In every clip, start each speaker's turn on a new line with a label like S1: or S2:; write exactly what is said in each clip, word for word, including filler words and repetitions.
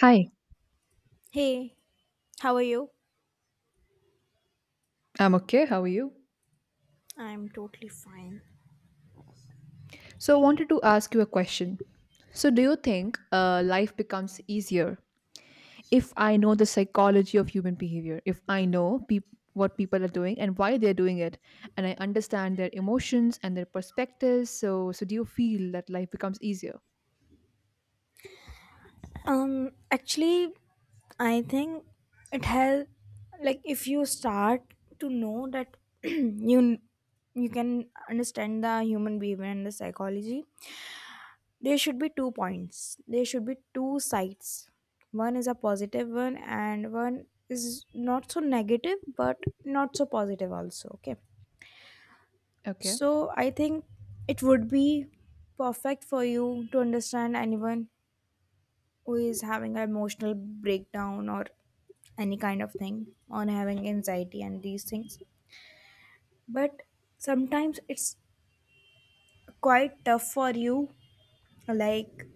S1: Hi,
S2: Hey, how are you?
S1: I'm okay. How are you?
S2: I'm totally fine.
S1: So, I wanted to ask you a question. So, do you think uh, life becomes easier if I know the psychology of human behavior? If I know peop what people are doing and why they're doing it, and I understand their emotions and their perspectives, so so do you feel that life becomes easier?
S2: Um, actually, I think it has, like, if you start to know that you you can understand the human behavior and the psychology, there should be two points. There should be two sides. One is a positive one, and one is not so negative, but not so positive also. Okay,
S1: Okay.
S2: so I think it would be perfect for you to understand anyone who is having an emotional breakdown or any kind of thing on having anxiety and these things, but sometimes it's quite tough for you, like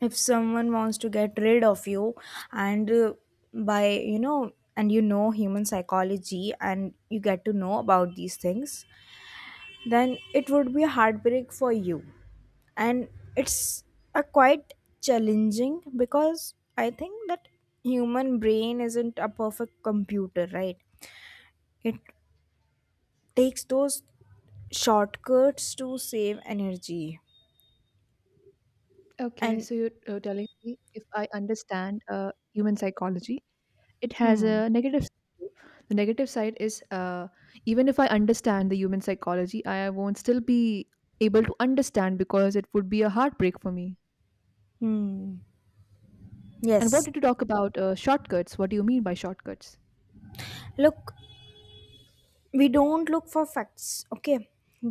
S2: if someone wants to get rid of you and uh, by you know, and you know human psychology and you get to know about these things, then it would be a heartbreak for you, and it's a quite challenging because I think that human brain isn't a perfect computer, right? It takes those shortcuts to save energy.
S1: Okay.
S2: And
S1: So you're uh, telling me if I understand uh, human psychology, it has
S2: hmm,
S1: a negative side too. The negative side is uh, even if I understand the human psychology, I won't still be able to understand because it would be a heartbreak for me.
S2: hmm,
S1: And what
S2: yes,
S1: did you talk about uh, shortcuts? What do you mean by shortcuts?
S2: look, we don't look for facts. Okay,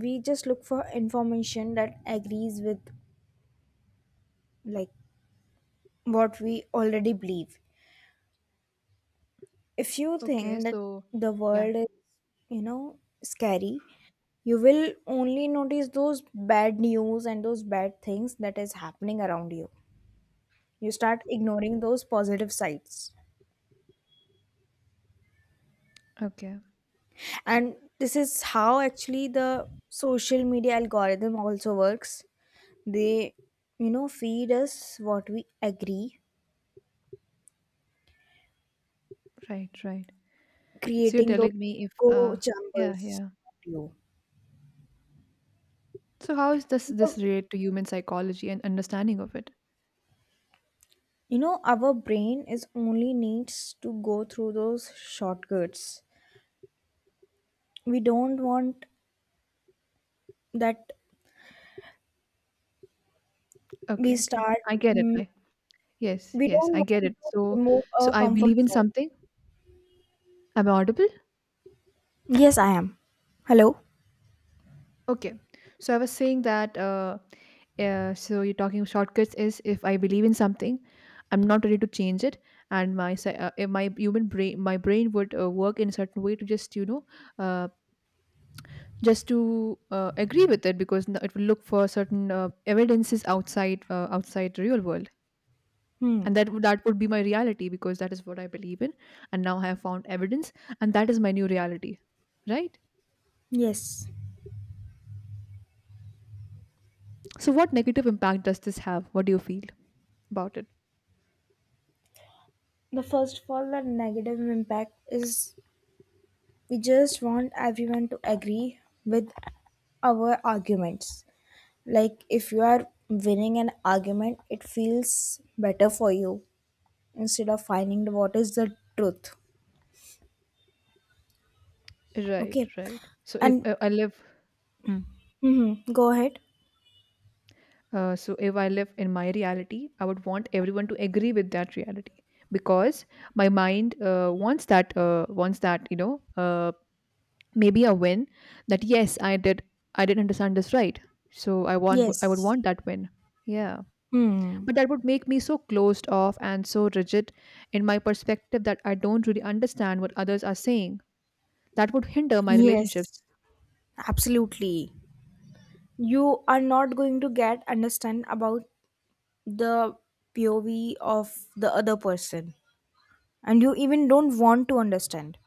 S2: we just look for information that agrees with, like, what we already believe. If you
S1: Okay.
S2: think that
S1: So,
S2: the
S1: yeah.
S2: world is, you know, scary, you will only notice those bad news and those bad things that is happening around you. You start ignoring those positive sides,
S1: Okay. S-
S2: and this is how actually the social media algorithm also works. They, you know, feed us what we agree,
S1: right, right. So you're
S2: creating those
S1: telling me if
S2: echo
S1: uh yeah,
S2: chambers
S1: yeah.
S2: around you.
S1: So how is this
S2: So
S1: this
S2: the,
S1: relate to human psychology and understanding of it?
S2: you know, our brain is only needs to go through those shortcuts. We don't want that we
S1: Okay, okay,
S2: start,
S1: I get it.
S2: mm,
S1: I Yes,
S2: we
S1: yes,
S2: don't
S1: I
S2: want
S1: get it.
S2: to
S1: So,
S2: remove
S1: so
S2: our
S1: I
S2: comfort
S1: believe in
S2: zone.
S1: something. Am I audible?
S2: Yes, I am. Hello?
S1: Okay. So I was saying that. Uh, uh, so you're talking shortcuts is if I believe in something, I'm not ready to change it, and my psy- uh, if my human brain, my brain would uh, work in a certain way to just you know, uh, just to uh, agree with it because n- it will look for certain uh, evidences outside uh, outside the real world, and
S2: Hmm.
S1: that would- that would be my reality because that is what I believe in, and now I have found evidence, and that is my new reality, right?
S2: Yes.
S1: So, what negative impact does this have? What do you feel about it?
S2: The first of all, the negative impact is we just want everyone to agree with our arguments. Like, if you are winning an argument, it feels better for you instead of finding the what is the truth.
S1: Right,
S2: Okay.
S1: right. So if
S2: And
S1: uh, I live, Hmm.
S2: hmm, go ahead.
S1: uh, so if I live in my reality, I would want everyone to agree with that reality because my mind uh, wants that, uh, wants that, you know, uh, maybe a win, that yes, I did, I did understand this right. So I want, I would
S2: Yes.
S1: want that win. Yeah,
S2: Hmm.
S1: but that would make me so closed off and so rigid in my perspective that I don't really understand what others are saying. That would hinder my
S2: Yes,
S1: relationships.
S2: absolutely. You are not going to get understand about the pov of the other person, and you even don't want to understand.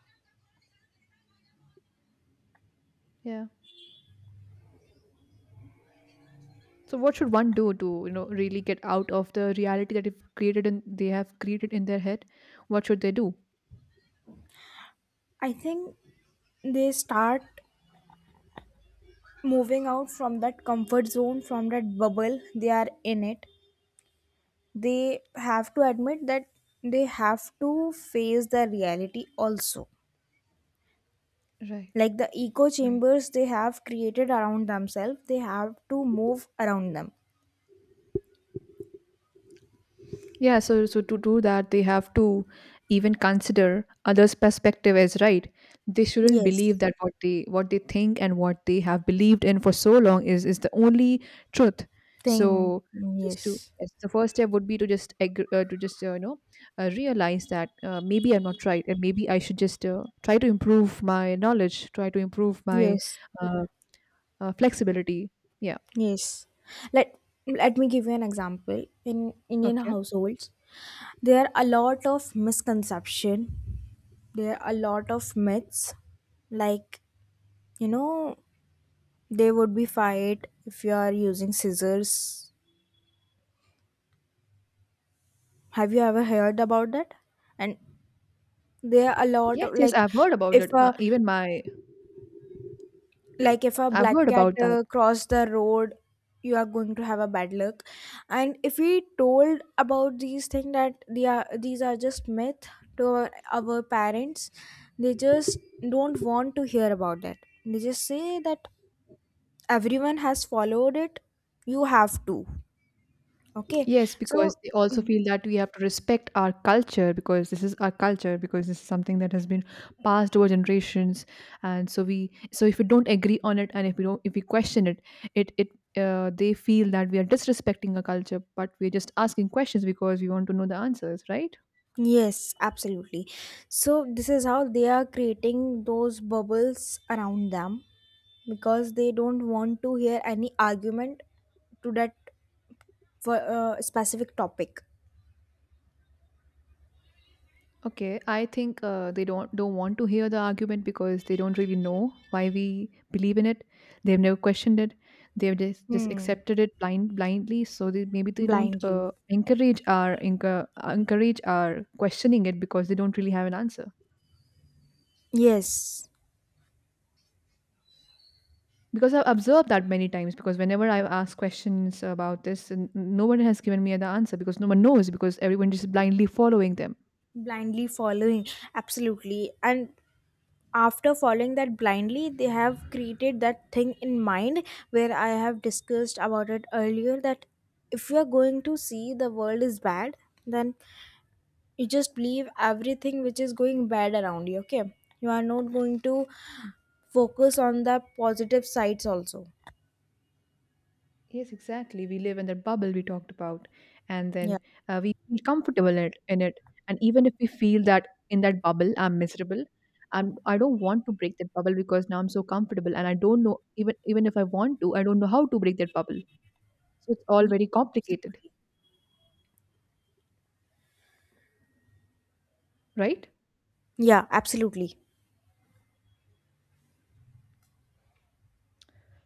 S1: Yeah. So what should one do to, you know, really get out of the reality that they've created and they have created in their head? What should they do?
S2: I think they start moving out from that comfort zone, from that bubble they are in it. They have to admit that they have to face the reality also.
S1: Right.
S2: Like the echo
S1: Right.
S2: chambers they have created around themselves, they have to move around them.
S1: Yeah, so so to do that, they have to even consider others' perspective as right. They shouldn't believe
S2: Yes.
S1: that what they what they think and what they have believed in for so long is is the only truth.
S2: Thing.
S1: So just to
S2: Yes,
S1: yes, the first step would be to just ag- uh, to just uh, you know uh, realize that uh, maybe I'm not right, and maybe I should just uh, try to improve my knowledge, try to improve my
S2: yes,
S1: uh, uh, flexibility. Yeah.
S2: yes. Let let me give you an example. In Indian
S1: Okay.
S2: households there are a lot of misconception, there are a lot of myths, like, you know, they would be fired if you are using scissors. Have you ever heard about that? And there are a lot
S1: Yes.
S2: of,
S1: Yes.
S2: like,
S1: I've heard about
S2: if
S1: it. Uh,
S2: a
S1: even my
S2: like if a
S1: I've
S2: black
S1: heard
S2: cat
S1: about that.
S2: uh, cross the road, you are going to have a bad luck. And if we told about these things that they are these are just myth to our, our parents, they just don't want to hear about that. They just say that everyone has followed it. You have to. Okay.
S1: Yes, because
S2: So
S1: they also feel that we have to respect our culture because this is our culture because this is something that has been passed over generations, and so we so if we don't agree on it and if we don't if we question it, it it uh, they feel that we are disrespecting our culture, but we're just asking questions because we want to know the answers, right?
S2: yes, absolutely. So this is how they are creating those bubbles around them because they don't want to hear any argument to that for uh, specific topic.
S1: Okay, I think uh, they don't don't want to hear the argument because they don't really know why we believe in it. They've never questioned it. They've just, just
S2: Hmm.
S1: accepted it blind blindly. So they, maybe they don't
S2: Blindly.
S1: uh, encourage our encour- encourage our questioning it because they don't really have an answer.
S2: Yes.
S1: Because I've observed that many times. Because whenever I've asked questions about this, and no one has given me the answer because no one knows because everyone just blindly following them.
S2: Blindly following. Absolutely. And after following that blindly, they have created that thing in mind where I have discussed about it earlier that if you are going to see the world is bad, then you just believe everything which is going bad around you. Okay, you are not going to focus on the positive sides also.
S1: Yes, exactly. We live in that bubble we talked about, and
S2: Yeah.
S1: then uh, we feel comfortable in it, in it. And even if we feel that in that bubble, I'm miserable. I'm. I don't want to break that bubble because now I'm so comfortable, and I don't know, even even if I want to, I don't know how to break that bubble. So it's all very complicated, right?
S2: Yeah, absolutely.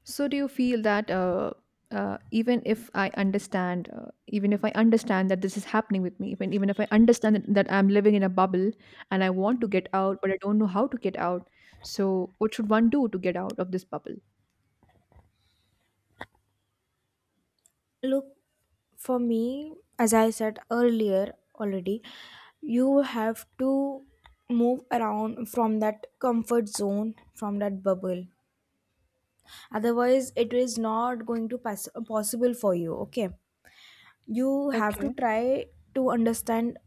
S1: So do you feel that uh, uh, even if I understand, uh, even if I understand that this is happening with me, even even if I understand that, that I'm living in a bubble and I want to get out, but I don't know how to get out. So what should one do to get out of this bubble?
S2: Look, for me, as I said earlier already, you have to move around from that comfort zone, from that bubble, otherwise it is not going to pass- possible for you. Okay, you have to
S1: Okay.
S2: try to understand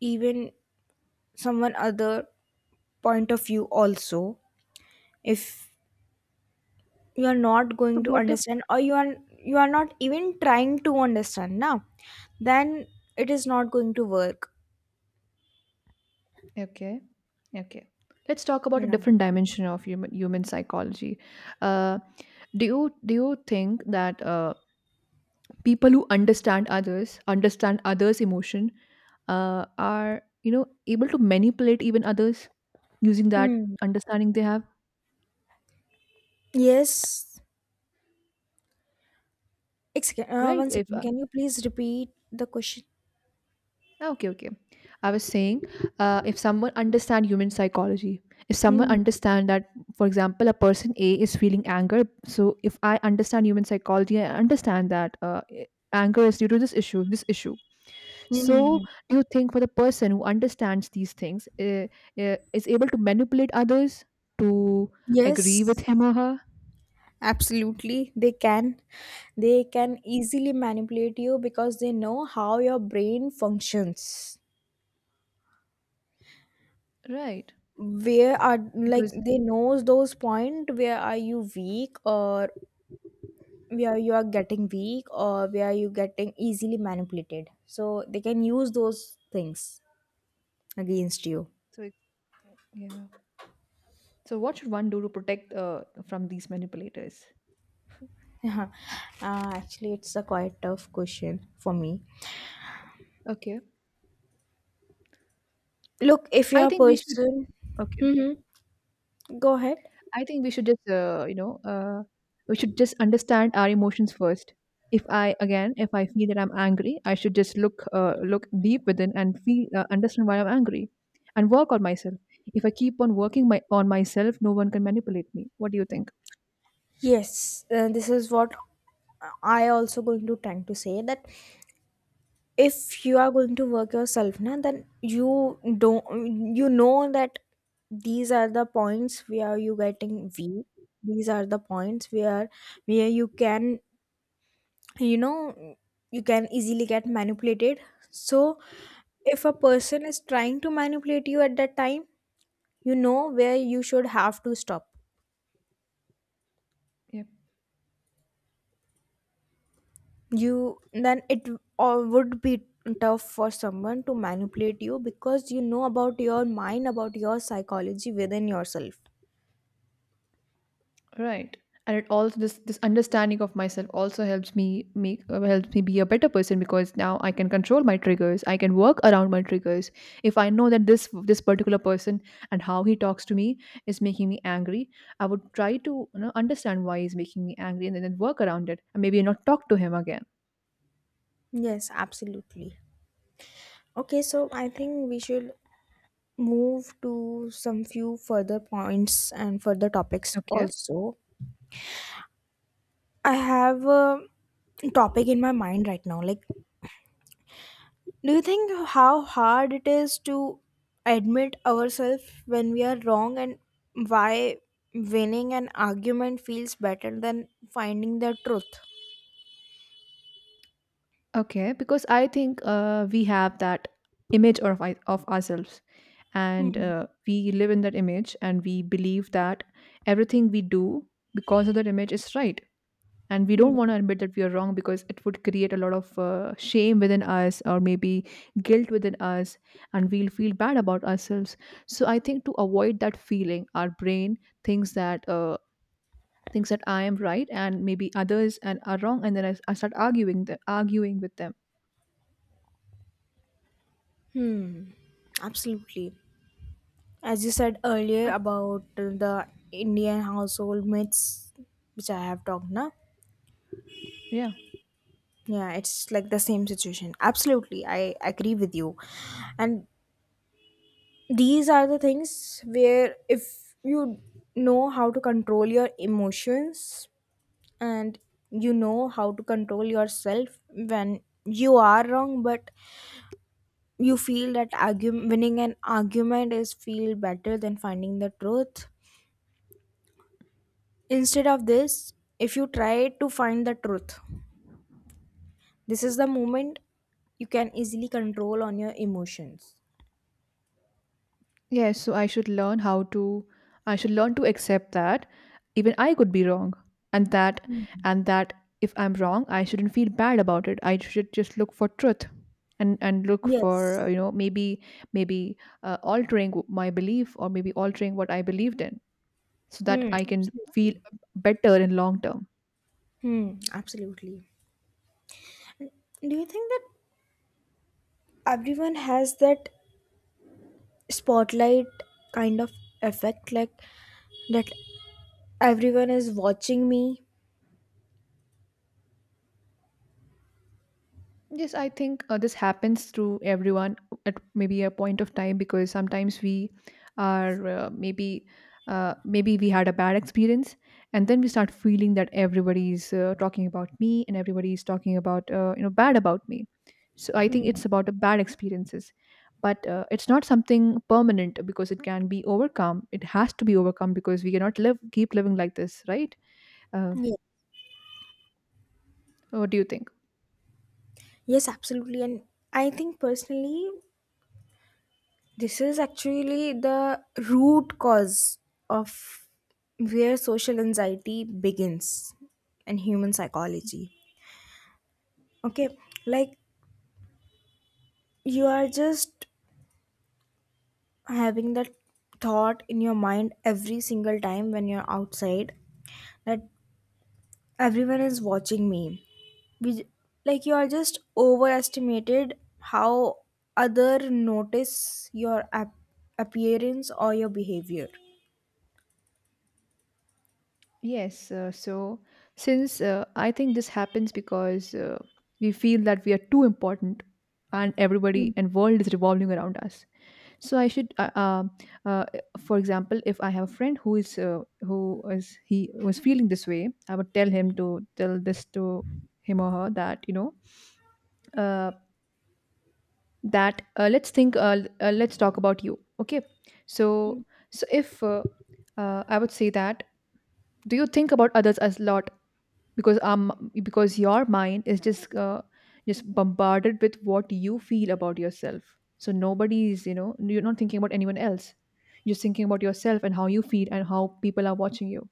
S2: even someone other point of view also. If you are not
S1: So
S2: going to
S1: what if?
S2: understand, or you are you are not even trying to understand now, then it is not going to work.
S1: Okay. Okay. Let's talk about a
S2: Yeah.
S1: different dimension of human human psychology. Uh, do you do you think that uh, people who understand others understand others emotion uh, are you know able to manipulate even others using that
S2: Hmm.
S1: understanding they have.
S2: Yes. Excuse, uh,
S1: Right.
S2: one
S1: if
S2: second,
S1: uh,
S2: can you please repeat the question?
S1: ah, okay, okay, I was saying, uh, if someone understand human psychology, if someone
S2: Hmm.
S1: understand that, for example, a person A is feeling anger, so if I understand human psychology, I understand that uh, anger is due to this issue this issue. So,
S2: Hmm.
S1: do you think for the person who understands these things uh, uh, is able to manipulate others to agree with
S2: Yes,
S1: him or her?
S2: absolutely they can. They can easily manipulate you because they know how your brain functions.
S1: Right.
S2: Where are, like,
S1: Because
S2: they knows those point where are you weak or where you are getting weak, or where you getting easily manipulated, so they can use those things against you.
S1: so it- yeah. So what should one do to protect uh, from these manipulators?
S2: uh, actually it's a quite tough question for me.
S1: Okay.
S2: Look, if you're
S1: I
S2: a
S1: think we should
S2: person.
S1: Okay.
S2: Hmm, go ahead.
S1: I think we should just, uh, you know, uh, we should just understand our emotions first. If I again, if I feel that I'm angry, I should just look, uh, look deep within and feel, uh, understand why I'm angry, and work on myself. If I keep on working my on myself, no one can manipulate me. What do you think?
S2: Yes, uh, this is what I also going to tend to say that if you are going to work yourself na, then you don't, you know that these are the points where you getting weak, these are the points where where you can, you know, you can easily get manipulated. So if a person is trying to manipulate you at that time, you know where you should have to stop
S1: Yeah.
S2: you, then it uh, would be tough for someone to manipulate you because you know about your mind, about your psychology within yourself.
S1: Right. And it also, this this understanding of myself also helps me make uh, helps me be a better person, because now I can control my triggers. I can work around my triggers. If I know that this this particular person and how he talks to me is making me angry, I would try to, you know, understand why he's making me angry and then work around it and maybe not talk to him again.
S2: Yes, absolutely. Okay, so I think we should move to some few further points and further topics
S1: Okay.
S2: also. I have a topic in my mind right now, like, do you think how hard it is to admit ourselves when we are wrong and why winning an argument feels better than finding the truth?
S1: Okay, because I think uh, we have that image of I- of ourselves, and
S2: Hmm.
S1: uh, we live in that image, and we believe that everything we do because of that image is right, and we
S2: Hmm.
S1: don't want to admit that we are wrong because it would create a lot of uh, shame within us, or maybe guilt within us, and we'll feel bad about ourselves. So I think, to avoid that feeling, our brain thinks that. Uh, thinks that I am right and maybe others and are wrong, and then i, I start arguing the, arguing with them,
S2: Absolutely. As you said earlier
S1: but
S2: about the Indian household myths, which I have talked now.
S1: yeah.
S2: Yeah, it's like the same situation. Absolutely. I agree with you. And these are the things where if you know how to control your emotions and you know how to control yourself when you are wrong, but you feel that argu- winning an argument is feel better than finding the truth. Instead of this, if you try to find the truth, this is the moment you can easily control on your emotions.
S1: Yes, so I should learn how to I should learn to accept that even I could be wrong, and that and that if I'm wrong, I shouldn't feel bad about it. I should just look for truth and and look for,
S2: Yes.
S1: uh, you know maybe maybe uh, altering w- my belief, or maybe altering what I believed in, so that
S2: Hmm,
S1: I can feel
S2: absolutely.
S1: better in long term.
S2: Hmm, absolutely. Do you think that everyone has that spotlight kind of effect, like, that everyone is watching me?
S1: Yes, I think uh, this happens through everyone at maybe a point of time because sometimes we are uh, maybe uh, maybe we had a bad experience, and then we start feeling that everybody's uh, talking about me and everybody is talking about, uh, you know bad about me. So I think it's about the bad experiences, but uh, it's not something permanent because it can be overcome. It has to be overcome because we cannot live keep living like this, right? Uh,
S2: Yeah.
S1: what do you think?
S2: Yes, absolutely. And I think personally, this is actually the root cause of where social anxiety begins in human psychology. Okay, like you are just having that thought in your mind every single time when you're outside that everyone is watching me. We, like, you are just overestimated how other notice your ap- appearance or your behavior.
S1: Yes, uh, so since uh, I think this happens because uh, we feel that we are too important and
S2: Mm.
S1: everybody and world is revolving around us. So I should, uh, um uh, for example, if I have a friend who is uh, who is he was feeling this way, I would tell him to tell this to him or her that, you know uh, that uh, let's think, uh, l- uh, let's talk about you. Okay, so so if uh, uh, I would say that, do you think about others as lot, because um because your mind is just uh, just bombarded with what you feel about yourself, so nobody is you know you're not thinking about anyone else, you're just thinking about yourself and how you feel and how people are watching you,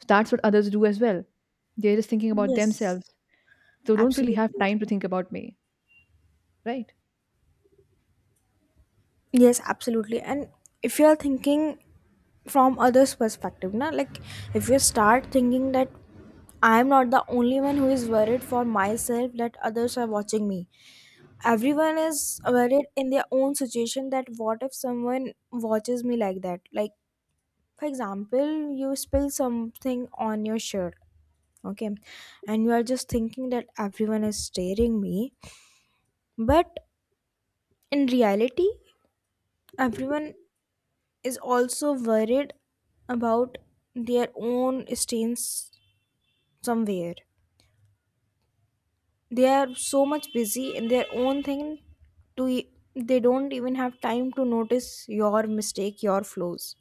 S1: so that's what others do as well, they're just thinking about
S2: Yes,
S1: themselves, they don't really have
S2: absolutely.
S1: time to think about me, right?
S2: Yes, absolutely. And if you are thinking from others perspective na, like if you start thinking that I am not the only one who is worried for myself that others are watching me, everyone is worried in their own situation that what if someone watches me like that, like for example you spill something on your shirt. Okay, and you are just thinking that everyone is staring me, but in reality everyone is also worried about their own stains somewhere. They are so much busy in their own thing to e- they don't even have time to notice your mistake, your flaws.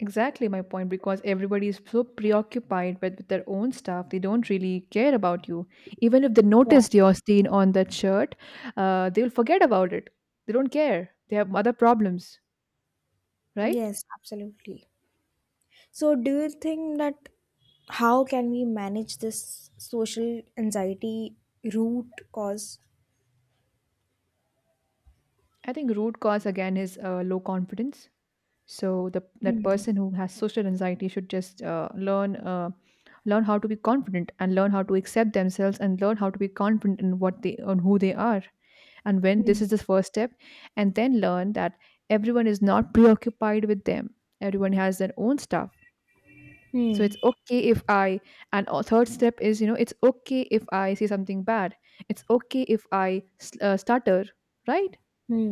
S1: Exactly my point, because everybody is so preoccupied with, with their own stuff, they don't really care about you. Even if they
S2: Yeah.
S1: noticed your stain on that shirt, uh, they'll forget about it. They don't care. They have other problems, right?
S2: Yes, absolutely. So, do you think that how can we manage this social anxiety root cause?
S1: I think root cause again is uh, low confidence. So the that
S2: Hmm.
S1: person who has social anxiety should just uh, learn uh, learn how to be confident, and learn how to accept themselves, and learn how to be confident in what they on who they are. And when this
S2: Hmm.
S1: is the first step, and then learn that everyone is not preoccupied with them, everyone has their own stuff, so
S2: Hmm.
S1: it's okay if I. And a third step is you know it's okay if I say something bad, it's okay if i s- uh, stutter, right?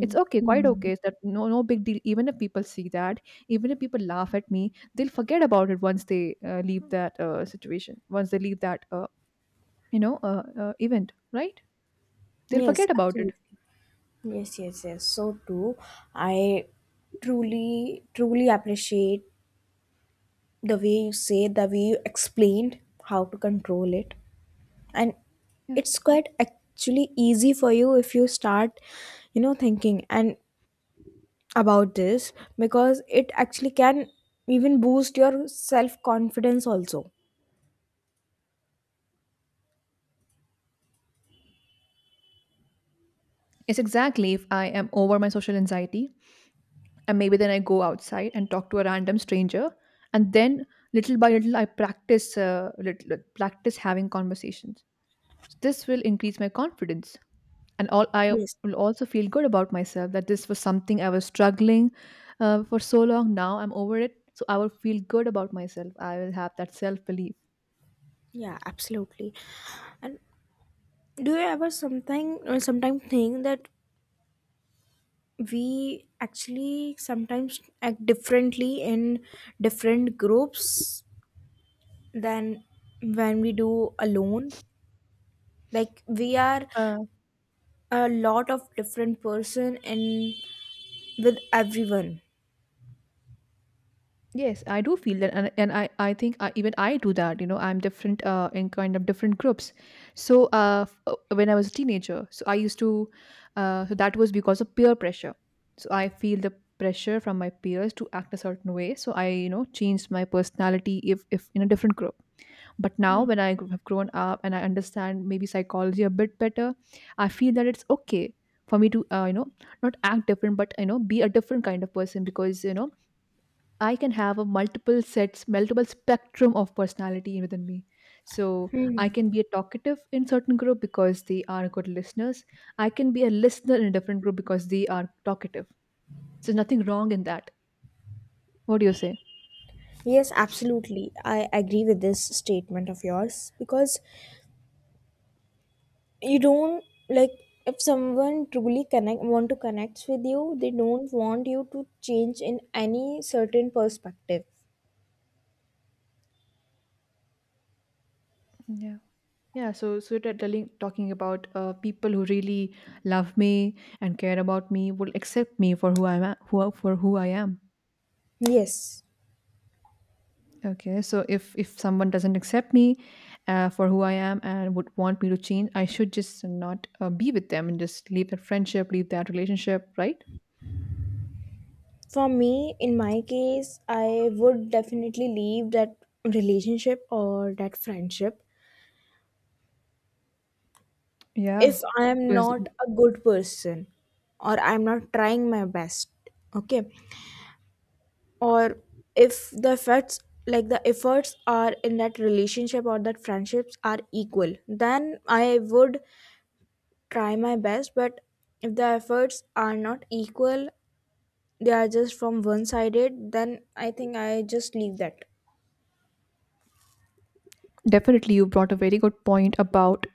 S1: It's okay, quite
S2: Hmm.
S1: okay, it's that no no big deal even if people see that, even if people laugh at me, they'll forget about it once they uh, leave that uh, situation, once they leave that uh, you know uh, uh, event, right? They'll
S2: Yes,
S1: forget about it.
S2: absolutely. Yes, yes, yes. So true. I truly, truly appreciate the way you say, the way you explained how to control it. And
S1: Yeah.
S2: it's quite actually easy for you if you start, you know, thinking. And about this because it actually can even boost your self confidence also.
S1: Yes, exactly. If I am over my social anxiety, and maybe then I go outside and talk to a random stranger, and then little by little I practice, uh, little, practice having conversations. So, this will increase my confidence, and all I
S2: Yes.
S1: will also feel good about myself that this was something I was struggling uh, for so long. Now I'm over it, so I will feel good about myself. I will have that self belief.
S2: Yeah, absolutely. And do you ever something or sometimes think that we actually sometimes act differently in different groups than when we do alone? Like we are a lot of different person in with everyone.
S1: Yes, I do feel that, and, and I, I think I, even I do that. You know, I'm different uh, in kind of different groups. So, uh, f- uh, when I was a teenager, so I used to, uh, so that was because of peer pressure. So I feel the pressure from my peers to act a certain way. So I, you know, changed my personality if, if in a different group. But now, when I gr- have grown up and I understand maybe psychology a bit better, I feel that it's okay for me to, uh, you know, not act different, but you know, be a different kind of person because you know I can have a multiple sets, multiple spectrum of personality within me. So I can be a talkative in certain group because they are good listeners. I can be a listener in a different group because they are talkative. So there's nothing wrong in that. What do you say?
S2: Yes, absolutely. I agree with this statement of yours because you don't, like if someone truly connect want to connect with you, they don't want you to change in any certain perspective.
S1: Yeah. Yeah, so so you're telling talking about uh, people who really love me and care about me will accept me for who I am, who for who I am.
S2: Yes.
S1: Okay, so if if someone doesn't accept me uh, for who I am and would want me to change, I should just not uh, be with them and just leave that friendship, leave that relationship, right?
S2: For me, in my case, I would definitely leave that relationship or that friendship
S1: Yeah.
S2: if I am
S1: Because
S2: not a good person or I'm not trying my best. Okay. Or if the effects, like the efforts are in that relationship or that friendships are equal, then I would try my best. But if the efforts are not equal, they are just from one sided, then I think I just leave that.
S1: definitely, you brought a very good point about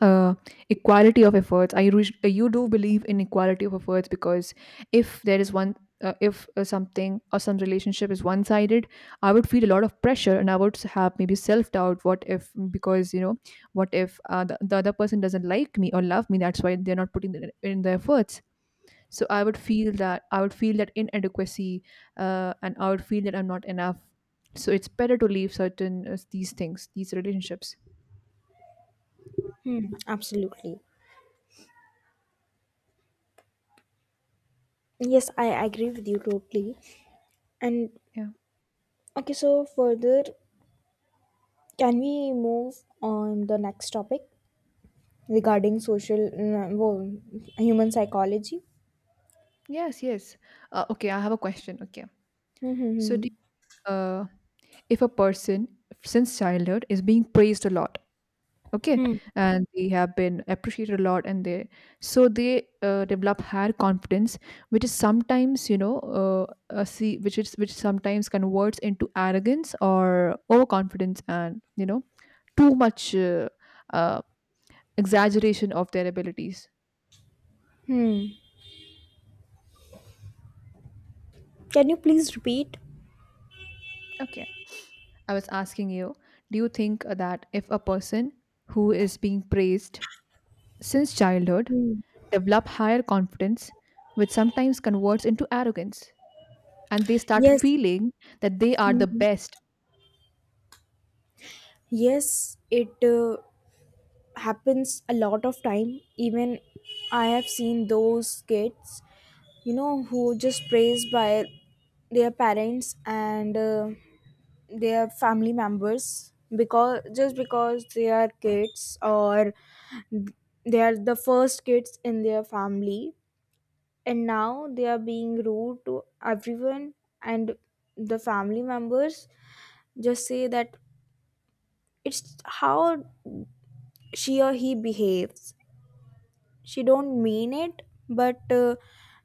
S1: uh, equality of efforts. I re- you do believe in equality of efforts because if there is one, uh, if uh, something or some relationship is one-sided, I would feel a lot of pressure and I would have maybe self-doubt. What if because you know, what if uh, the, the other person doesn't like me or love me? That's why they're not putting the, in the efforts, so I would feel that I would feel that inadequacy, uh, and I would feel that I'm not enough, so it's better to leave certain uh, these things, these relationships.
S2: Hmm, absolutely. Yes, I agree with you totally. And
S1: Yeah.
S2: okay, so further, can we move on the next topic regarding social, uh, well, human psychology.
S1: Yes, yes, uh, okay, I have a question. Okay,
S2: Hmm, hmm,
S1: so
S2: hmm.
S1: do you, uh, if a person since childhood is being praised a lot, okay,
S2: Hmm.
S1: and they have been appreciated a lot, and they so they uh, develop higher confidence, which is sometimes you know uh, uh, see which is which sometimes converts into arrogance or overconfidence, and you know too much uh, uh, exaggeration of their abilities.
S2: Can you please repeat?
S1: Okay. I was asking you, do you think that if a person who is being praised since childhood
S2: Mm.
S1: develop higher confidence, which sometimes converts into arrogance, and they start
S2: Yes.
S1: feeling that they are the
S2: Mhm.
S1: best.
S2: Yes, it uh, happens a lot of time. Even I have seen those kids, you know, who just praised by their parents and uh, their family members because just because they are kids or they are the first kids in their family, and now they are being rude to everyone, and the family members just say that it's how she or he behaves, she don't mean it, but uh,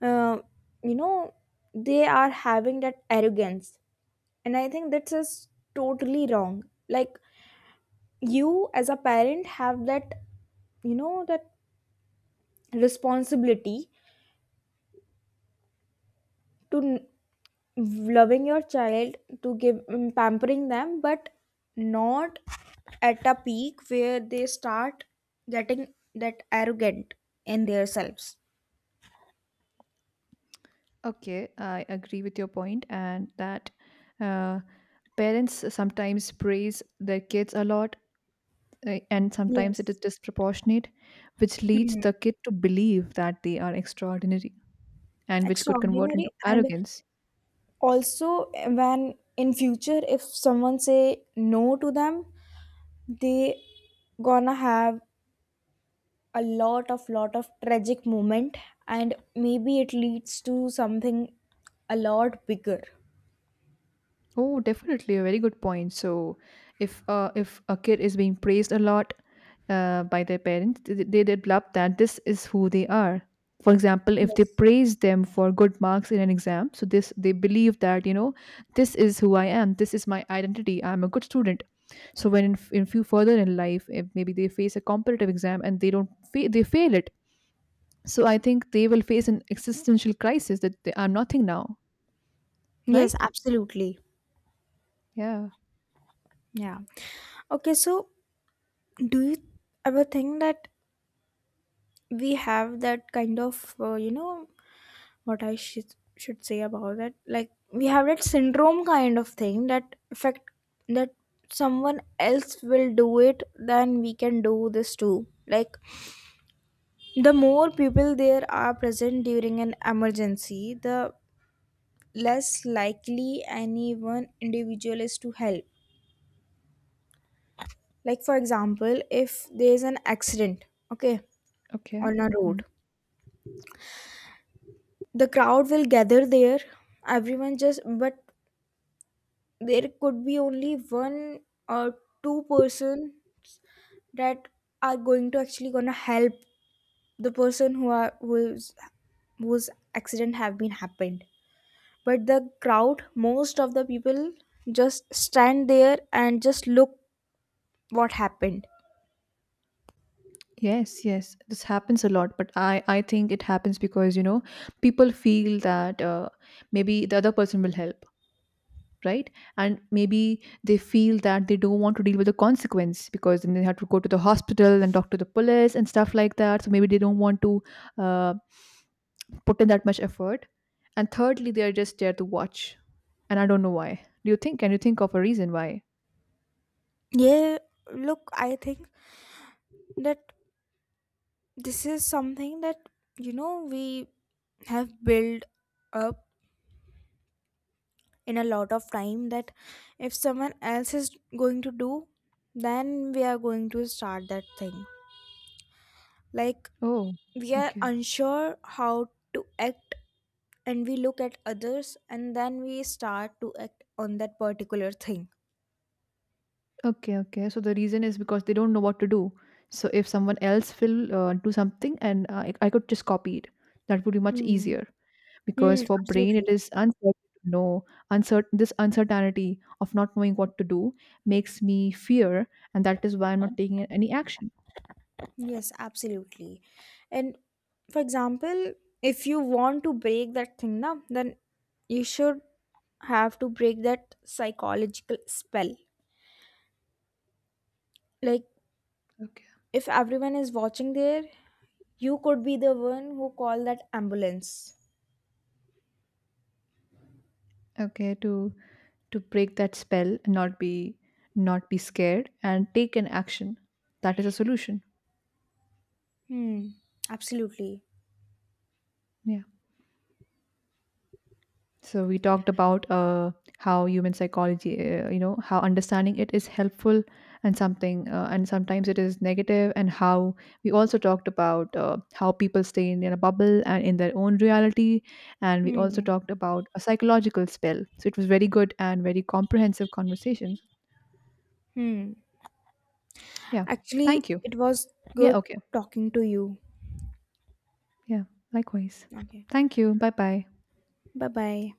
S2: uh, you know, they are having that arrogance, and I think that's just totally wrong. Like you as a parent have that, you know, that responsibility to n- loving your child, to give mm, pampering them, but not at a peak where they start getting that arrogant in themselves.
S1: Okay, I agree with your point, and that uh, parents sometimes praise their kids a lot, uh, and sometimes it is
S2: Yes.
S1: disproportionate, which leads
S2: Mhm.
S1: the kid to believe that they are extraordinary, and which could convert into
S2: Extraordinary. And
S1: arrogance.
S2: also, eh, when in future, if someone say no to them, they gonna have a lot of lot of tragic moment, and maybe it leads to something a lot bigger.
S1: Oh, definitely a very good point. So, if uh, if a kid is being praised a lot uh, by their parents, th- they develop that this is who they are. For example, if they
S2: Yes.
S1: praise them for good marks in an exam, so this they believe that you know this is who I am. This is my identity. I'm a good student. So when in, f- in few further in life, if maybe they face a competitive exam and they don't fa- they fail it, so I think they will face an existential crisis that they are nothing now,
S2: Yes,
S1: right?
S2: absolutely.
S1: Yeah.
S2: Yeah. Okay, so do you ever think that we have that kind of, uh, you know, what I should should say about that. Like we have that syndrome kind of thing that affect that someone else will do it, then we can do this too. Like the more people there are present during an emergency, the less likely any one individual is to help. Like for example, if there is an accident, okay,
S1: Okay.
S2: on a
S1: Hmm.
S2: road, the crowd will gather there, everyone just, but there could be only one or two person that are going to actually gonna help the person who are who's whose accident have been happened. But the crowd, most of the people just stand there and just look what happened.
S1: Yes, yes, this happens a lot, but I I think it happens because you know people feel that uh, maybe the other person will help, right? And maybe they feel that they don't want to deal with the consequence because then they have to go to the hospital and talk to the police and stuff like that. So maybe they don't want to uh, put in that much effort. And thirdly, they are just there to watch, and I don't know why. Do you think? Can you think of a reason why?
S2: Yeah. Look, I think that this is something that, you know, we have built up in a lot of time that if someone else is going to do, then we are going to start that thing. Like
S1: Oh,
S2: we are
S1: okay.
S2: unsure how to act, and we look at others and then we start to act on that particular thing.
S1: Okay, okay. So the reason is because they don't know what to do. So if someone else will uh, do something and uh, I I could just copy it, that would be much
S2: Hmm.
S1: easier. Because
S2: Hmm,
S1: for brain it
S2: absolutely.
S1: is uncertain to know. Uncertain, this uncertainty of not knowing what to do makes me fear, and that is why I'm not taking any action.
S2: Yes, absolutely. And for example, if you want to break that thing now, then you should have to break that psychological spell. Like
S1: Okay.
S2: if everyone is watching there, you could be the one who call that ambulance.
S1: Okay, to to break that spell and not be not be scared and take an action. That is a solution.
S2: Hmm. Absolutely.
S1: Yeah. So we talked about uh, how human psychology, uh, you know, how understanding it is helpful, and something, uh, and sometimes it is negative, and how we also talked about uh, how people stay in their bubble and in their own reality, and we also
S2: Hmm.
S1: talked about a psychological spell. So it was very good and very comprehensive conversations.
S2: Hmm.
S1: Yeah,
S2: Actually,
S1: thank you.
S2: it was
S1: Yeah,
S2: good
S1: okay.
S2: talking to you.
S1: Yeah, likewise.
S2: Okay.
S1: Thank you. Bye bye.
S2: Bye bye.